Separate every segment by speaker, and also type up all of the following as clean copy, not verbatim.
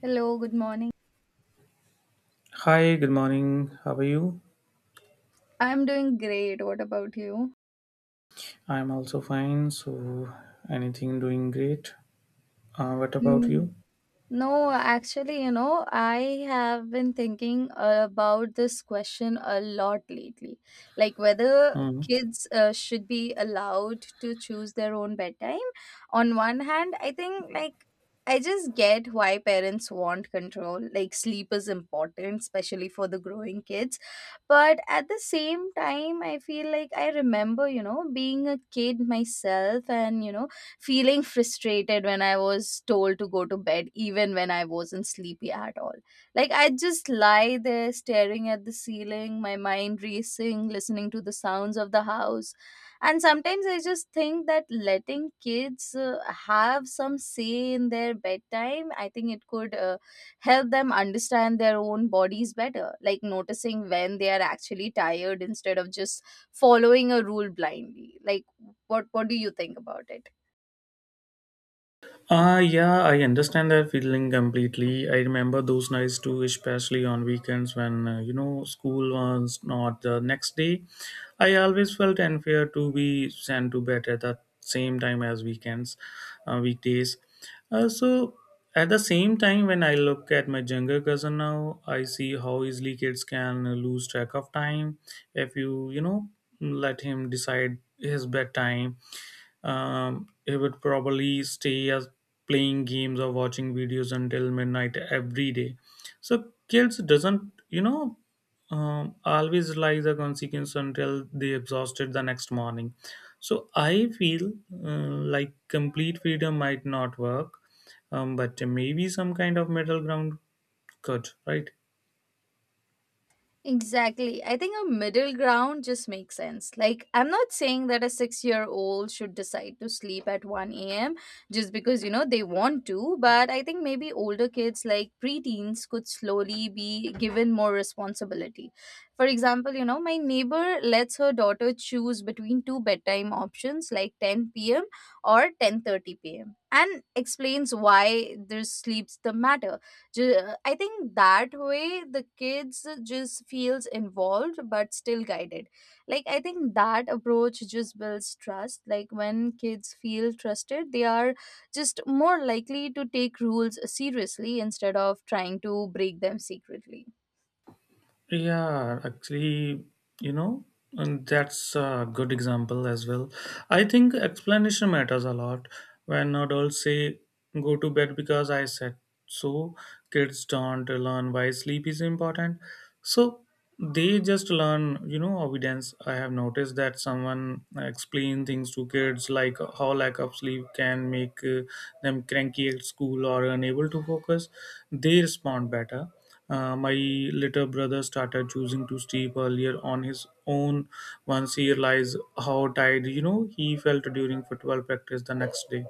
Speaker 1: Hello, good morning.
Speaker 2: Hi, good morning. How are you?
Speaker 1: I'm doing great. What about you?
Speaker 2: I'm also fine. Anything doing great? What about
Speaker 1: Hmm.
Speaker 2: you?
Speaker 1: No, actually, you know, I have been thinking about this question a lot lately. Like whether
Speaker 2: Mm-hmm.
Speaker 1: kids should be allowed to choose their own bedtime. On one hand, I think like I just get why parents want control. Like sleep is important, especially for the growing kids. But at the same time, I feel like I remember, you know, being a kid myself and, you know, feeling frustrated when I was told to go to bed, even when I wasn't sleepy at all. Like, I just lie there staring at the ceiling, my mind racing, listening to the sounds of the house. And sometimes I just think that letting kids have some say in their bedtime, I think it could help them understand their own bodies better, like noticing when they are actually tired instead of just following a rule blindly. Like, what do you think about it?
Speaker 2: Yeah, I understand that feeling completely. I remember those nights too, especially on weekends when, you know, school was not the next day. I always felt unfair to be sent to bed at the same time as weekends, weekdays. Uh, so, at the same time, when I look at my younger cousin now, I see how easily kids can lose track of time if you, you know, let him decide his bedtime. He would probably stay as playing games or watching videos until midnight every day. So kids doesn't, you know, always like the consequence until they exhausted the next morning. So I feel uh, like complete freedom might not work, but maybe some kind of middle ground could, right?
Speaker 1: Exactly. I think a middle ground just makes sense. Like, I'm not saying that a 6 year old should decide to sleep at 1 a.m. just because, you know, they want to, but I think maybe older kids, like preteens, could slowly be given more responsibility. For example, you know, my neighbor lets her daughter choose between two bedtime options like 10 p.m. or 10:30 p.m. and explains why their sleeps the matter. I think that way the kids just feels involved but still guided. Like I think that approach just builds trust. Like when kids feel trusted, they are just more likely to take rules seriously instead of trying to break them secretly.
Speaker 2: Yeah, actually, you know, and that's a good example as well. I think explanation matters a lot. When adults say, go to bed because I said so, kids don't learn why sleep is important. So they just learn, you know, evidence. I have noticed that someone explain things to kids like how lack of sleep can make them cranky at school or unable to focus. They respond better. My little brother started choosing to sleep earlier on his own once he realized how tired you know he felt during football practice the next day.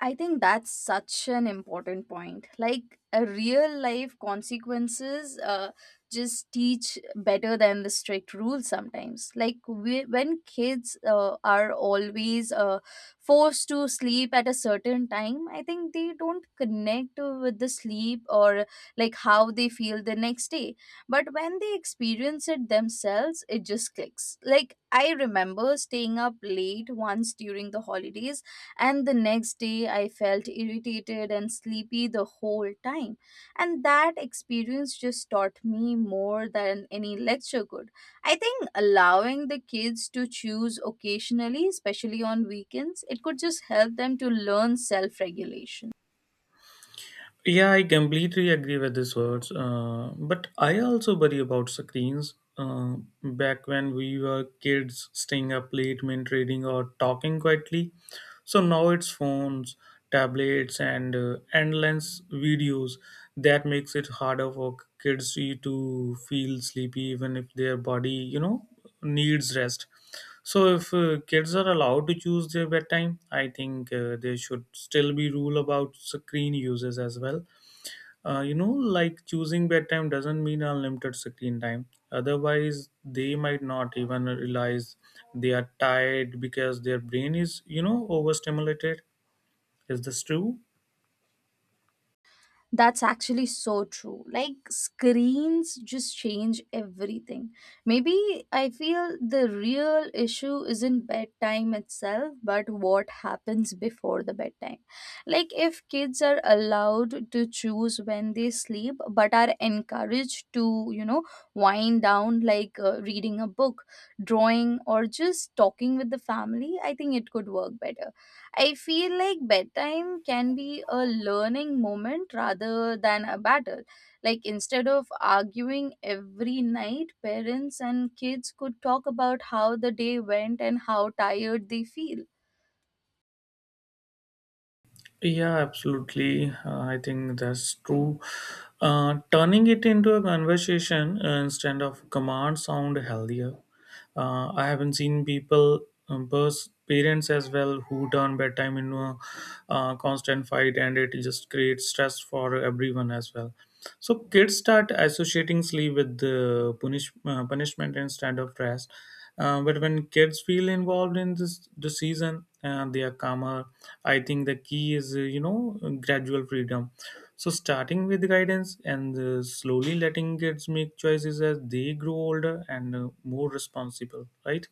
Speaker 1: I think that's such an important point. Like a real life consequences just teach better than the strict rules sometimes. Like we, when kids are always forced to sleep at a certain time, I think they don't connect with the sleep or like how they feel the next day. But when they experience it themselves, it just clicks. Like I remember staying up late once during the holidays and the next day I felt irritated and sleepy the whole time. And that experience just taught me more than any lecture could. I think allowing the kids to choose occasionally, especially on weekends, it could just help them to learn self regulation.
Speaker 2: Yeah, I completely agree with these words. But I also worry about screens. Back when we were kids, staying up late, meant reading or talking quietly. So now it's phones, tablets, and endless videos. That makes it harder for kids to feel sleepy, even if their body, you know, needs rest. So if kids are allowed to choose their bedtime, I think there should still be rule about screen uses as well. You know, like choosing bedtime doesn't mean unlimited screen time. Otherwise, they might not even realize they are tired because their brain is, you know, overstimulated. Is this true?
Speaker 1: That's actually so true. Like screens just change everything. Maybe I feel the real issue isn't bedtime itself, but what happens before the bedtime. Like if kids are allowed to choose when they sleep, but are encouraged to, you know, wind down like reading a book, drawing, or just talking with the family, I think it could work better. I feel like bedtime can be a learning moment rather than a battle. Like, instead of arguing every night, parents and kids could talk about how the day went and how tired they feel.
Speaker 2: Yeah, absolutely. I think that's true. Turning it into a conversation instead of command sound healthier. I haven't seen people, parents as well, who turn bedtime into a constant fight, and it just creates stress for everyone as well. So kids start associating sleep with the punishment instead of rest. But when kids feel involved in this the season, they are calmer. I think the key is you know gradual freedom. So starting with guidance and slowly letting kids make choices as they grow older and more responsible. Right?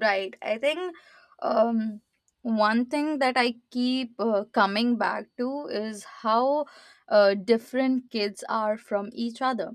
Speaker 1: Right. I think um, one thing that I keep coming back to is how different kids are from each other.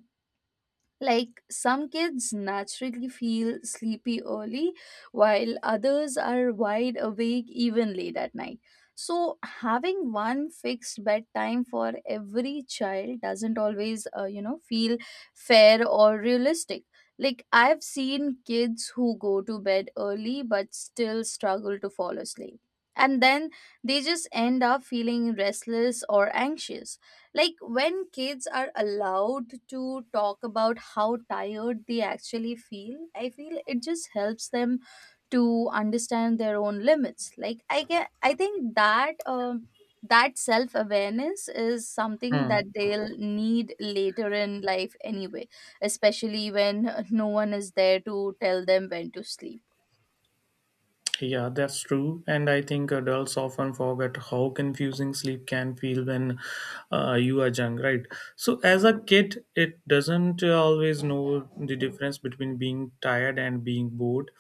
Speaker 1: Like some kids naturally feel sleepy early, while others are wide awake even late at night. So, having one fixed bedtime for every child doesn't always, you know, feel fair or realistic. Like, I've seen kids who go to bed early but still struggle to fall asleep. And then they just end up feeling restless or anxious, like when kids are allowed to talk about how tired they actually feel, I feel it just helps them to understand their own limits. Like I get, I think that that self awareness is something
Speaker 2: Hmm.
Speaker 1: that they'll need later in life anyway, especially when no one is there to tell them when to sleep.
Speaker 2: Yeah, that's true. And I think adults often forget how confusing sleep can feel when you are young, right? So, as a kid, it doesn't always know the difference between being tired and being bored.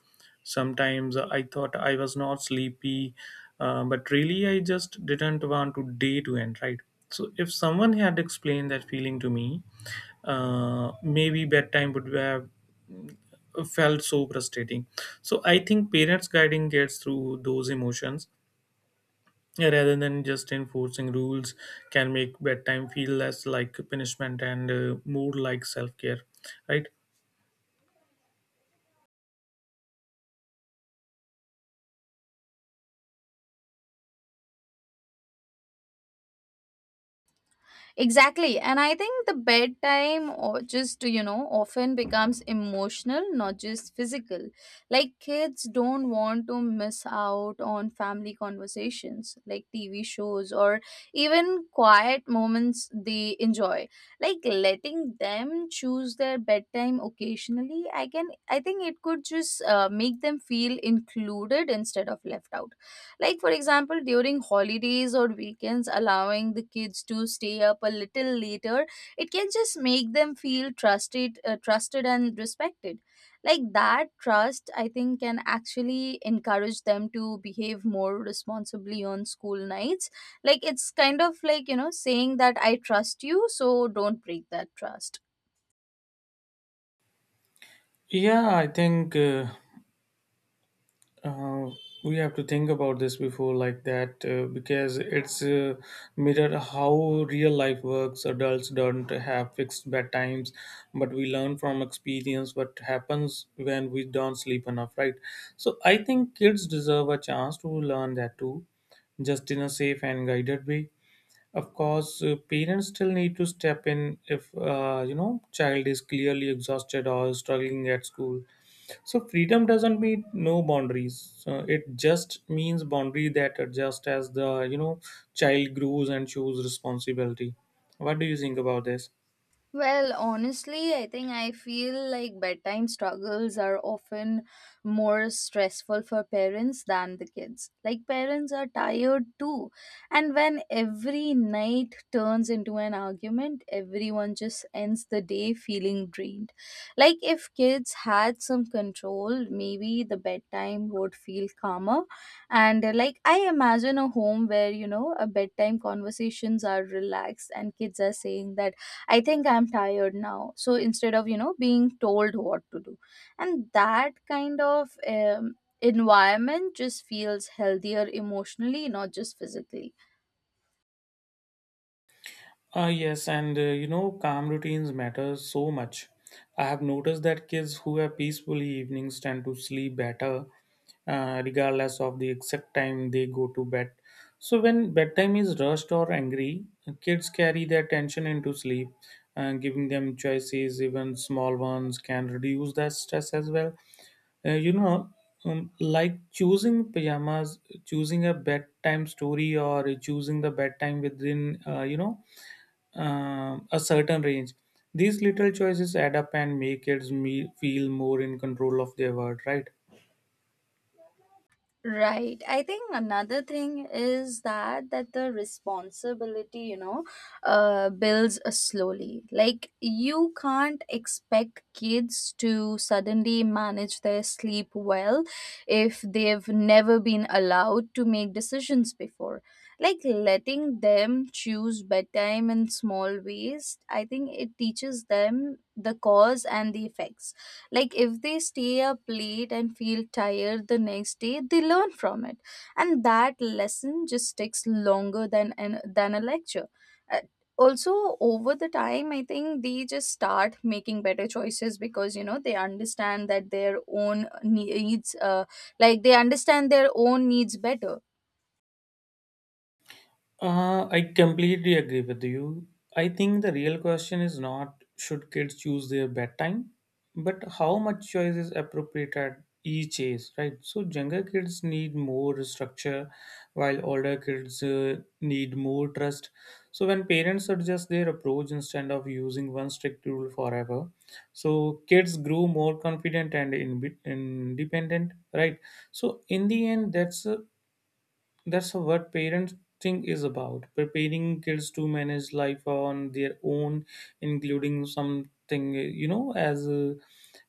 Speaker 2: Sometimes I thought I was not sleepy, but really I just didn't want to day to end, right? So, if someone had explained that feeling to me, maybe bedtime would have felt so frustrating. So I think parents guiding kids through those emotions rather than just enforcing rules can make bedtime feel less like punishment and more like self care, right?
Speaker 1: Exactly. And I think the bedtime or just, you know, often becomes emotional, not just physical. Like kids don't want to miss out on family conversations, like TV shows or even quiet moments they enjoy. Like letting them choose their bedtime occasionally, I think it could just make them feel included instead of left out. Like, for example, during holidays or weekends, allowing the kids to stay up a little later, it can just make them feel trusted, trusted and respected. Like that trust, I think, can actually encourage them to behave more responsibly on school nights. Like, it's kind of like, you know, saying that I trust you, so don't break that trust.
Speaker 2: Yeah, I think. Uh, we have to think about this before like that because it's mirror how real life works. Adults don't have fixed bedtimes, but we learn from experience what happens when we don't sleep enough, right? So I think kids deserve a chance to learn that too, just in a safe and guided way. Of course, parents still need to step in if, you know, child is clearly exhausted or struggling at school. So freedom doesn't mean no boundaries. It just means boundary that adjust as the you know child grows and shows responsibility. What do you think about this?
Speaker 1: Well, honestly, I think I feel like bedtime struggles are often more stressful for parents than the kids. Like, parents are tired too. And when every night turns into an argument, everyone just ends the day feeling drained. Like, if kids had some control, maybe the bedtime would feel calmer. And, like, I imagine a home where, you know, a bedtime conversations are relaxed and kids are saying that I think I'm tired now. So instead of, you know, being told what to do. And that kind of environment just feels healthier emotionally, not just physically.
Speaker 2: Yes, and you know calm routines matter so much. I have noticed that kids who have peaceful evenings tend to sleep better regardless of the exact time they go to bed. So, when bedtime is rushed or angry, kids carry their tension into sleep, and giving them choices, even small ones, can reduce that stress as well. You know, like choosing pajamas, choosing a bedtime story, or choosing the bedtime within, you know, a certain range. These little choices add up and make feel more in control of their world, right?
Speaker 1: Right. I think another thing is that the responsibility, you know, builds slowly. Like you can't expect kids to suddenly manage their sleep well if they've never been allowed to make decisions before. Like letting them choose bedtime in small ways, I think it teaches them the cause and the effects. Like if they stay up late and feel tired the next day, they learn from it, and that lesson just takes longer than than a lecture. Uh, Also over the time, I think they just start making better choices because, you know, they understand that their own needs like they understand their own needs better.
Speaker 2: I completely agree with you. I think the real question is not should kids choose their bedtime, but how much choice is appropriate at each age, right? So younger kids need more structure, while older kids need more trust. So when parents adjust their approach instead of using one strict rule forever, so kids grow more confident and independent, right? So in the end, that's what parenting is about preparing kids to manage life on their own, including something, you know, as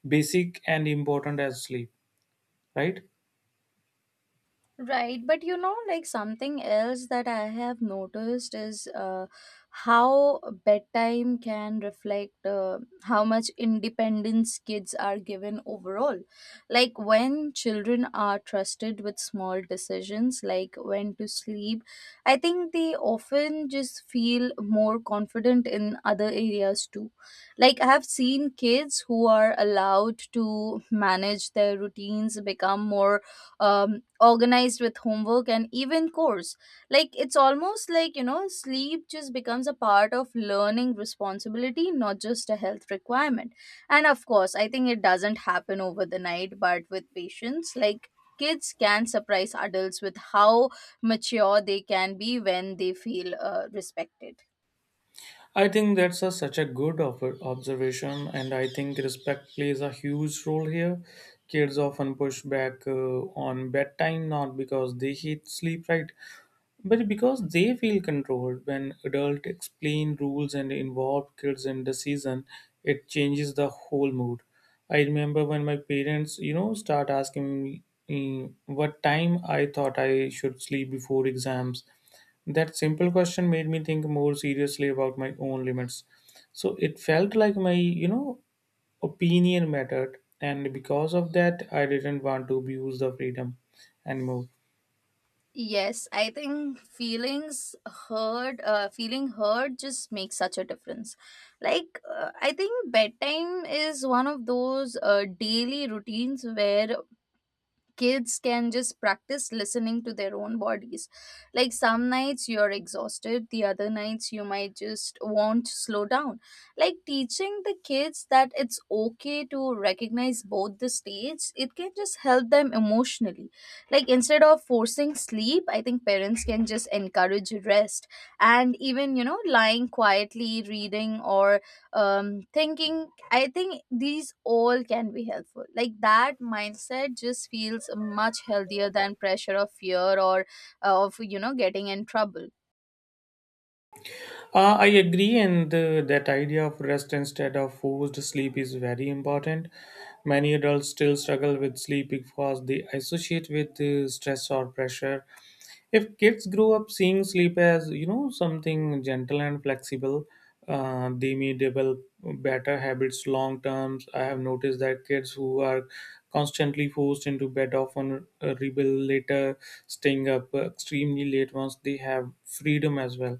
Speaker 2: basic and important as sleep, right?
Speaker 1: Right, but you know, like something else that I have noticed is how bedtime can reflect how much independence kids are given overall. Like when children are trusted with small decisions, like when to sleep, I think they often just feel more confident in other areas too. Like I have seen kids who are allowed to manage their routines become more organized with homework and even course. Like it's almost like, you know, sleep just becomes a part of learning responsibility, not just a health requirement. And of course I think it doesn't happen over the night, but with patience, like kids can surprise adults with how mature they can be when they feel respected.
Speaker 2: I think that's a, such a good observation, and I think respect plays a huge role here. Kids often push back on bedtime not because they hate sleep, right? But because they feel controlled. When adults explain rules and involve kids in decision, it changes the whole mood. I remember when my parents, you know, start asking me what time I thought I should sleep before exams. That simple question made me think more seriously about my own limits. So it felt like my, you know, opinion mattered, and because of that, I didn't want to abuse the freedom anymore.
Speaker 1: Yes, I think feeling heard just makes such a difference. Like, I think bedtime is one of those daily routines where kids can just practice listening to their own bodies. Like some nights you're exhausted, the other nights you might just want to slow down. Like teaching the kids that it's okay to recognize both the states, it can just help them emotionally. Like instead of forcing sleep, I think parents can just encourage rest and even, you know, lying quietly, reading or thinking, I think these all can be helpful. Like that mindset just feels much healthier than pressure of fear or of, you know, getting in trouble.
Speaker 2: I agree, and that idea of rest instead of forced sleep is very important. Many adults still struggle with sleep because they associate with stress or pressure. If kids grow up seeing sleep as you know something gentle and flexible, they may develop better habits long terms. I have noticed that kids who are constantly forced into bed often rebel later, staying up extremely late once they have freedom as well.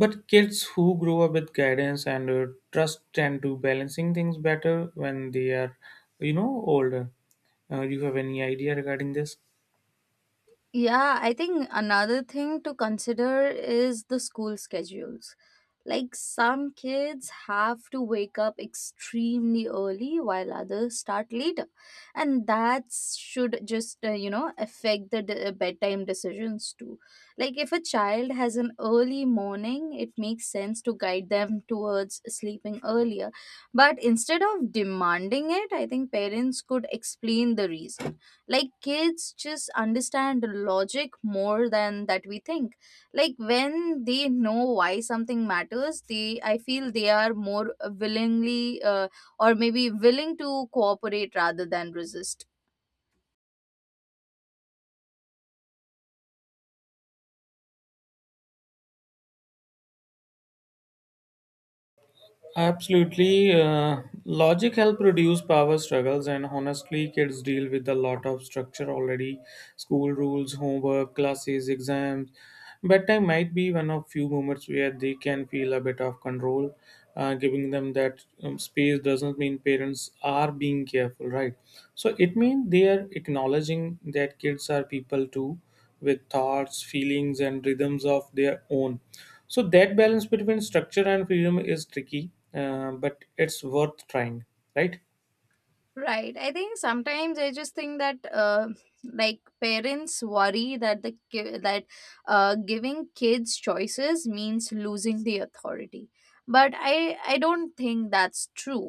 Speaker 2: But kids who grow up with guidance and trust tend to balancing things better when they are, you know, older. You have any idea regarding this?
Speaker 1: Yeah, I think another thing to consider is the school schedules. Like some kids have to wake up extremely early while others start later. And that should just, you know, affect the bedtime decisions too. Like if a child has an early morning, it makes sense to guide them towards sleeping earlier. But instead of demanding it, I think parents could explain the reason. Like kids just understand logic more than that we think. Like when they know why something matters, they, I feel, they are more willingly or maybe willing to cooperate rather than resist.
Speaker 2: Absolutely. Logic help reduce power struggles, and honestly, kids deal with a lot of structure already. School rules, homework, classes, exams. Bedtime might be one of few moments where they can feel a bit of control. Giving them that space doesn't mean parents are being careful, right? So it means they are acknowledging that kids are people too, with thoughts, feelings, and rhythms of their own. So, that balance between structure and freedom is tricky, but it's worth trying, right?
Speaker 1: Right, I think sometimes I just think that like parents worry that giving kids choices means losing the authority, but I don't think that's true.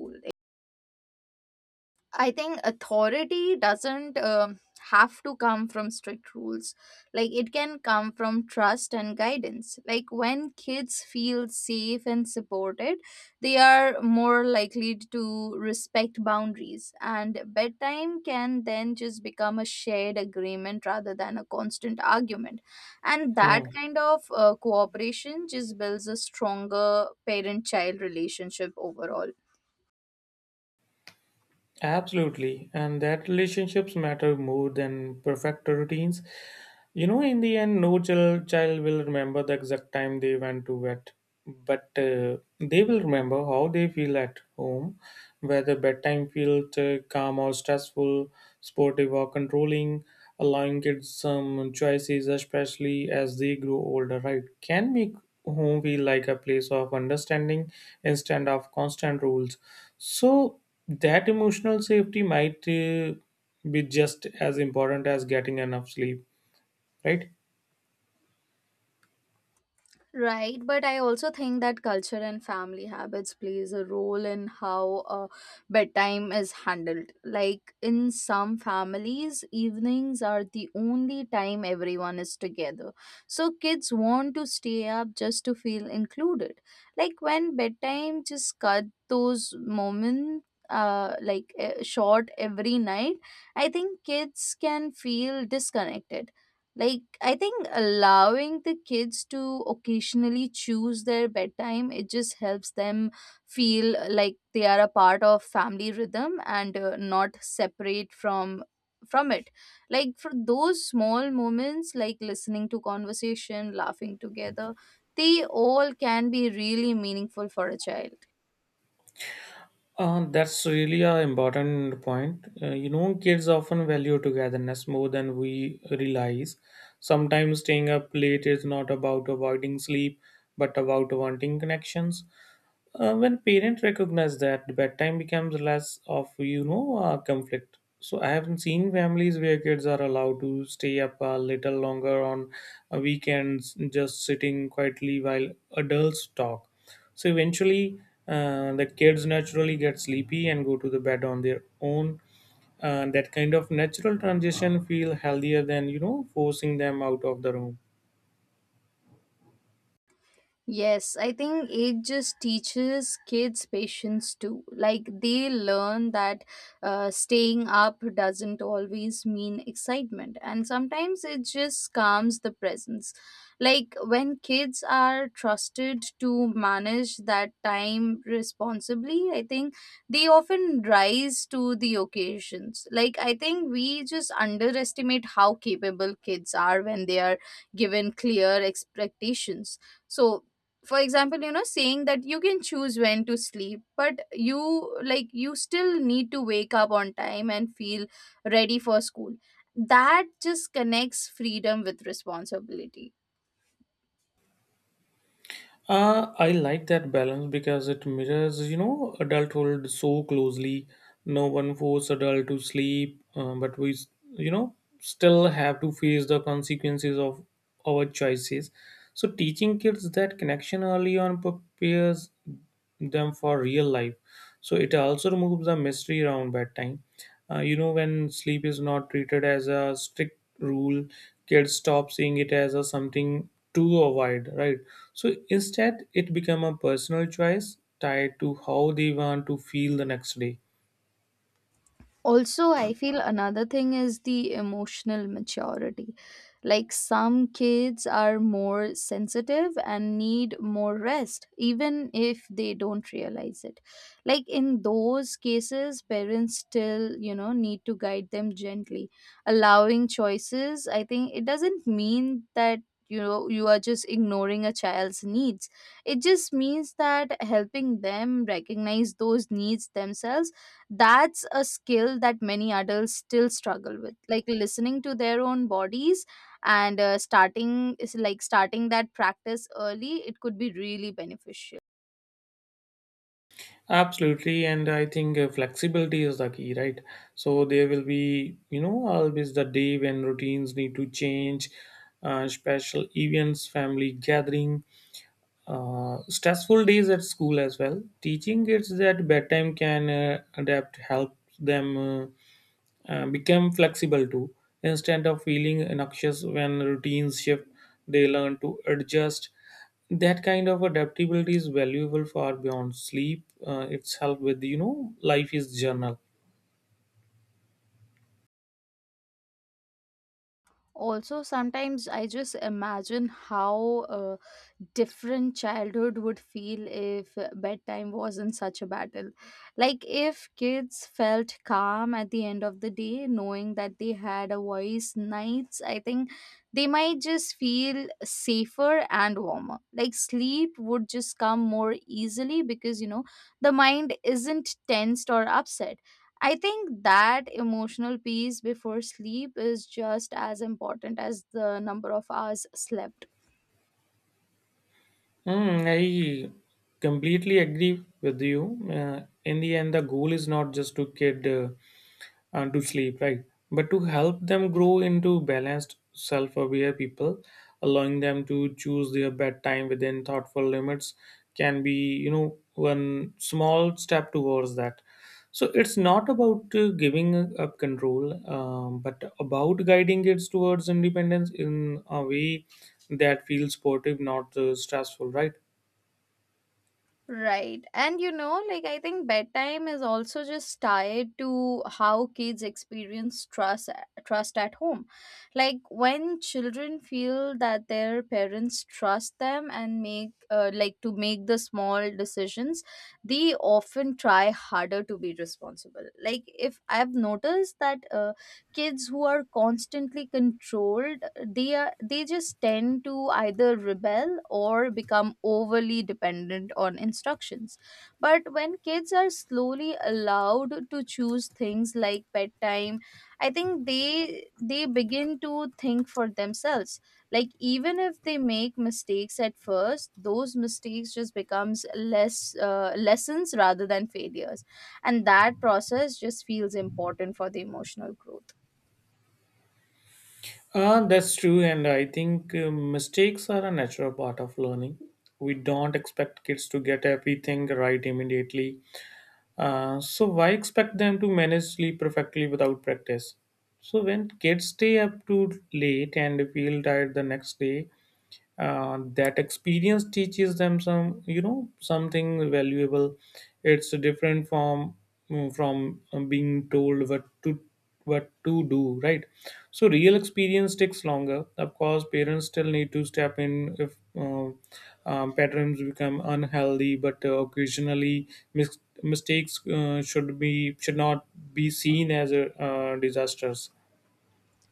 Speaker 1: I think authority doesn't have to come from strict rules. Like it can come from trust and guidance. Like when kids feel safe and supported, they are more likely to respect boundaries. And bedtime can then just become a shared agreement rather than a constant argument. And that
Speaker 2: Hmm.
Speaker 1: kind of cooperation just builds a stronger parent child relationship overall.
Speaker 2: Absolutely. And that relationships matter more than perfect routines. You know, in the end, no child, child will remember the exact time they went to bed, but they will remember how they feel at home, whether bedtime felt calm or stressful, sportive or controlling. Allowing kids some choices, especially as they grow older, right, can make home feel like a place of understanding instead of constant rules. So that emotional safety might be just as important as getting enough sleep, right?
Speaker 1: Right, but I also think that culture and family habits plays a role in how bedtime is handled. Like in some families, evenings are the only time everyone is together. So kids want to stay up just to feel included. Like when bedtime just cut those moments short every night, I think kids can feel disconnected. Like, I think allowing the kids to occasionally choose their bedtime, it just helps them feel like they are a part of family rhythm and, not separate from it. Like for those small moments, like listening to conversation, laughing together, they all can be really meaningful for a child.
Speaker 2: That's really an important point. You know, kids often value togetherness more than we realize. Sometimes staying up late is not about avoiding sleep, but about wanting connections. When parents recognize that, bedtime becomes less of you know conflict. So I haven't seen families where kids are allowed to stay up a little longer on weekends, just sitting quietly while adults talk. So eventually, the kids naturally get sleepy and go to the bed on their own. That kind of natural transition feel healthier than you know forcing them out of the room.
Speaker 1: Yes, I think it just teaches kids patience too. Like they learn that staying up doesn't always mean excitement, and sometimes it just calms the presence. Like when kids are trusted to manage that time responsibly, I think they often rise to the occasions. Like I think we just underestimate how capable kids are when they are given clear expectations. So for example, you know, saying that you can choose when to sleep but you, like you still need to wake up on time and feel ready for school. That just connects freedom with responsibility.
Speaker 2: I like that balance because it mirrors, you know, adulthood so closely. No one force adult to sleep, you know, still have to face the consequences of our choices. So teaching kids that connection early on prepares them for real life. So it also removes the mystery around bedtime. You know, when sleep is not treated as a strict rule, kids stop seeing it as a something to avoid, right? So instead, it become a personal choice tied to how they want to feel the next day.
Speaker 1: Also, I feel another thing is the emotional maturity. Like some kids are more sensitive and need more rest even if they don't realize it. Like in those cases parents still, you know, need to guide them gently. Allowing choices, I think it doesn't mean that, you know, you are just ignoring a child's needs. It just means that helping them recognize those needs themselves. That's a skill that many adults still struggle with, like listening to their own bodies. And starting is like starting that practice early, it could be really beneficial.
Speaker 2: Absolutely, and I think flexibility is the key, right? So there will be, you know, always the day when routines need to change, special events, family gathering, stressful days at school as well. Teaching kids that bedtime can adapt helps them. Become flexible too. Instead of feeling noxious when routines shift, they learn to adjust. That kind of adaptability is valuable far beyond sleep. It's helped with life is journal.
Speaker 1: Also sometimes I just imagine how, different childhood would feel if bedtime wasn't such a battle. Like if kids felt calm at the end of the day knowing that they had a voice nights, I think they might just feel safer and warmer. Like sleep would just come more easily because, you know, the mind isn't tensed or upset. I think that emotional peace before sleep is just as important as the number of hours slept.
Speaker 2: Hmm, I completely agree with you. In the end, the goal is not just to get to sleep, right? But to help them grow into balanced, self aware people. Allowing them to choose their bedtime within thoughtful limits can be, one small step towards that. So it's not about giving up control, but about guiding kids towards independence in a way that feels supportive, not stressful, right?
Speaker 1: Right. And you know, like I think bedtime is also just tied to how kids experience trust at home. Like when children feel that their parents trust them and make like to make the small decisions, they often try harder to be responsible. Like if I've noticed that kids who are constantly controlled, they just tend to either rebel or become overly dependent on instructions. But when kids are slowly allowed to choose things like bedtime, I think they begin to think for themselves. Like even if they make mistakes at first, those mistakes just becomes less lessons rather than failures. And that process just feels important for the emotional growth.
Speaker 2: That's true, and I think mistakes are a natural part of learning. We don't expect kids to get everything right immediately. So, why expect them to manage sleep perfectly without practice? So, when kids stay up too late and feel tired the next day, that experience teaches them something valuable. It's different from being told what to do, right? So real experience takes longer. Of course, parents still need to step in if patterns become unhealthy, but occasionally mistakes should not be seen as a disasters.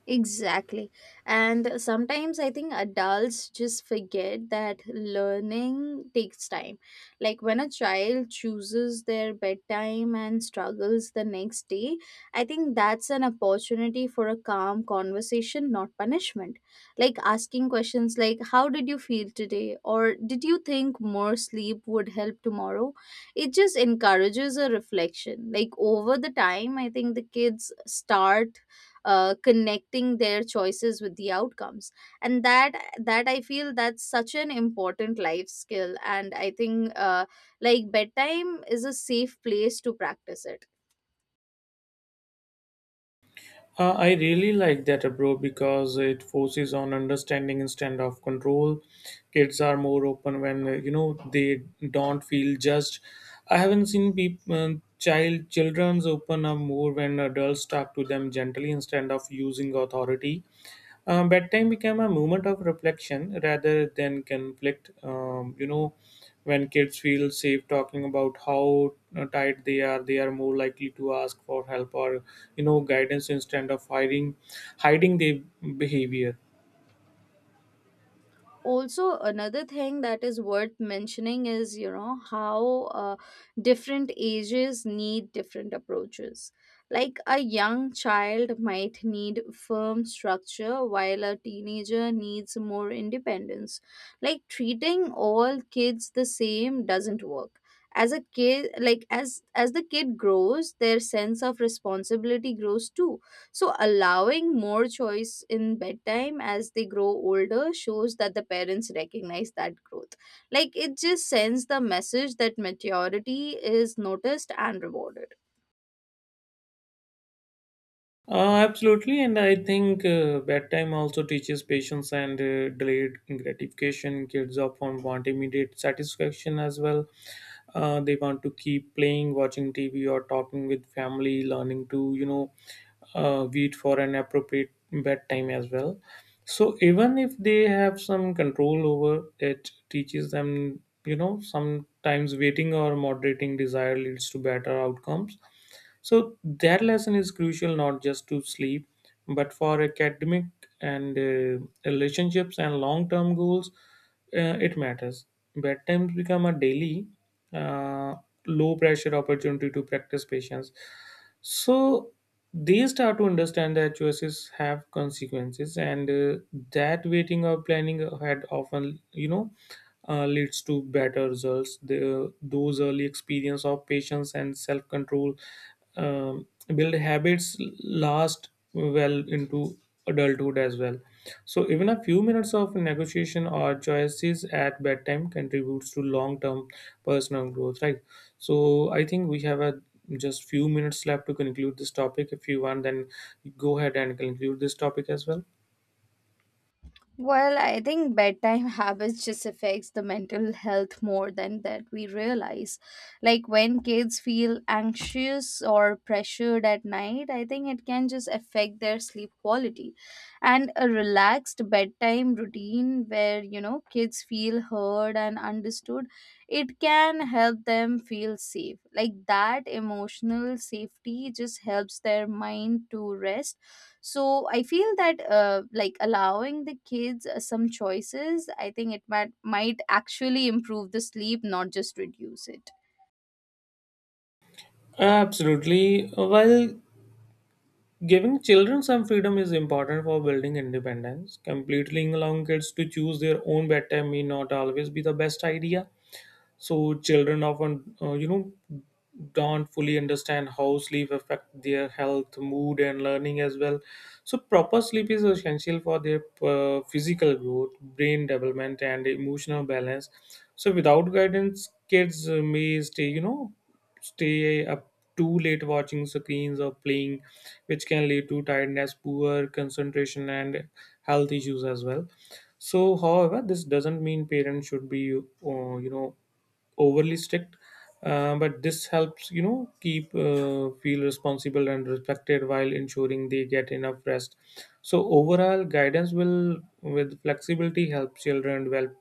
Speaker 1: Exactly. And sometimes I think adults just forget that learning takes time. Like when a child chooses their bedtime and struggles the next day, I think that's an opportunity for a calm conversation, not punishment. Like asking questions like, "How did you feel today?" or "Did you think more sleep would help tomorrow?" It just encourages a reflection. Like over the time, I think the kids start connecting their choices with the outcomes. And that, I feel that's such an important life skill. And I think like bedtime is a safe place to practice it.
Speaker 2: I really like that approach because it forces on understanding instead of control. Kids are more open when they don't feel judged. I haven't seen people, children's open up more when adults talk to them gently instead of using authority. Bedtime became a moment of reflection rather than conflict. When kids feel safe talking about how tired they are more likely to ask for help or guidance instead of hiding their behavior.
Speaker 1: Also another thing that is worth mentioning is, you know, how different ages need different approaches. Like a young child might need firm structure while a teenager needs more independence. Like treating all kids the same doesn't work. As a kid, like as the kid grows, their sense of responsibility grows too. So allowing more choice in bedtime as they grow older shows that the parents recognize that growth. Like, it just sends the message that maturity is noticed and rewarded.
Speaker 2: Absolutely, and I think bedtime also teaches patience and delayed gratification. Kids often want immediate satisfaction as well. They want to keep playing, watching TV, or talking with family, learning to wait for an appropriate bedtime as well. So even if they have some control over it, teaches them sometimes waiting or moderating desire leads to better outcomes. So that lesson is crucial not just to sleep, but for academic and relationships and long-term goals. It matters. Bedtimes become a daily, uh, low-pressure opportunity to practice patience. So they start to understand that choices have consequences, and that waiting or planning ahead often, leads to better results. Those early experience of patience and self control um, build habits last well into adulthood as well. So even a few minutes of negotiation or choices at bedtime contributes to long term personal growth, right? So I think we have a just few minutes left to conclude this topic. If you want, then go ahead and conclude this topic as well.
Speaker 1: Well, I think bedtime habits just affects the mental health more than that we realize. Like when kids feel anxious or pressured at night, I think it can just affect their sleep quality. And a relaxed bedtime routine where, you know, kids feel heard and understood, it can help them feel safe. Like that emotional safety just helps their mind to rest. So I feel that, like allowing the kids some choices, I think it might actually improve the sleep, not just reduce it.
Speaker 2: Absolutely. While giving children some freedom is important for building independence, completely allowing kids to choose their own bedtime may not always be the best idea. So children often don't fully understand how sleep affect their health, mood and learning as well. So proper sleep is essential for their physical growth, brain development and emotional balance. So without guidance, kids may stay stay up too late watching screens or playing, which can lead to tiredness, poor concentration and health issues as well. So however, this doesn't mean parents should be overly strict. But this helps keep feel responsible and respected while ensuring they get enough rest. So overall, guidance will with flexibility help children develop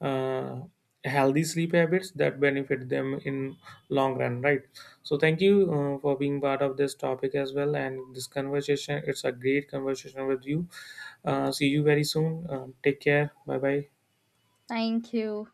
Speaker 2: uh, healthy sleep habits that benefit them in long run, right? So thank you for being part of this topic as well, and this conversation, it's a great conversation with you. See you very soon. Take care, bye bye.
Speaker 1: Thank you.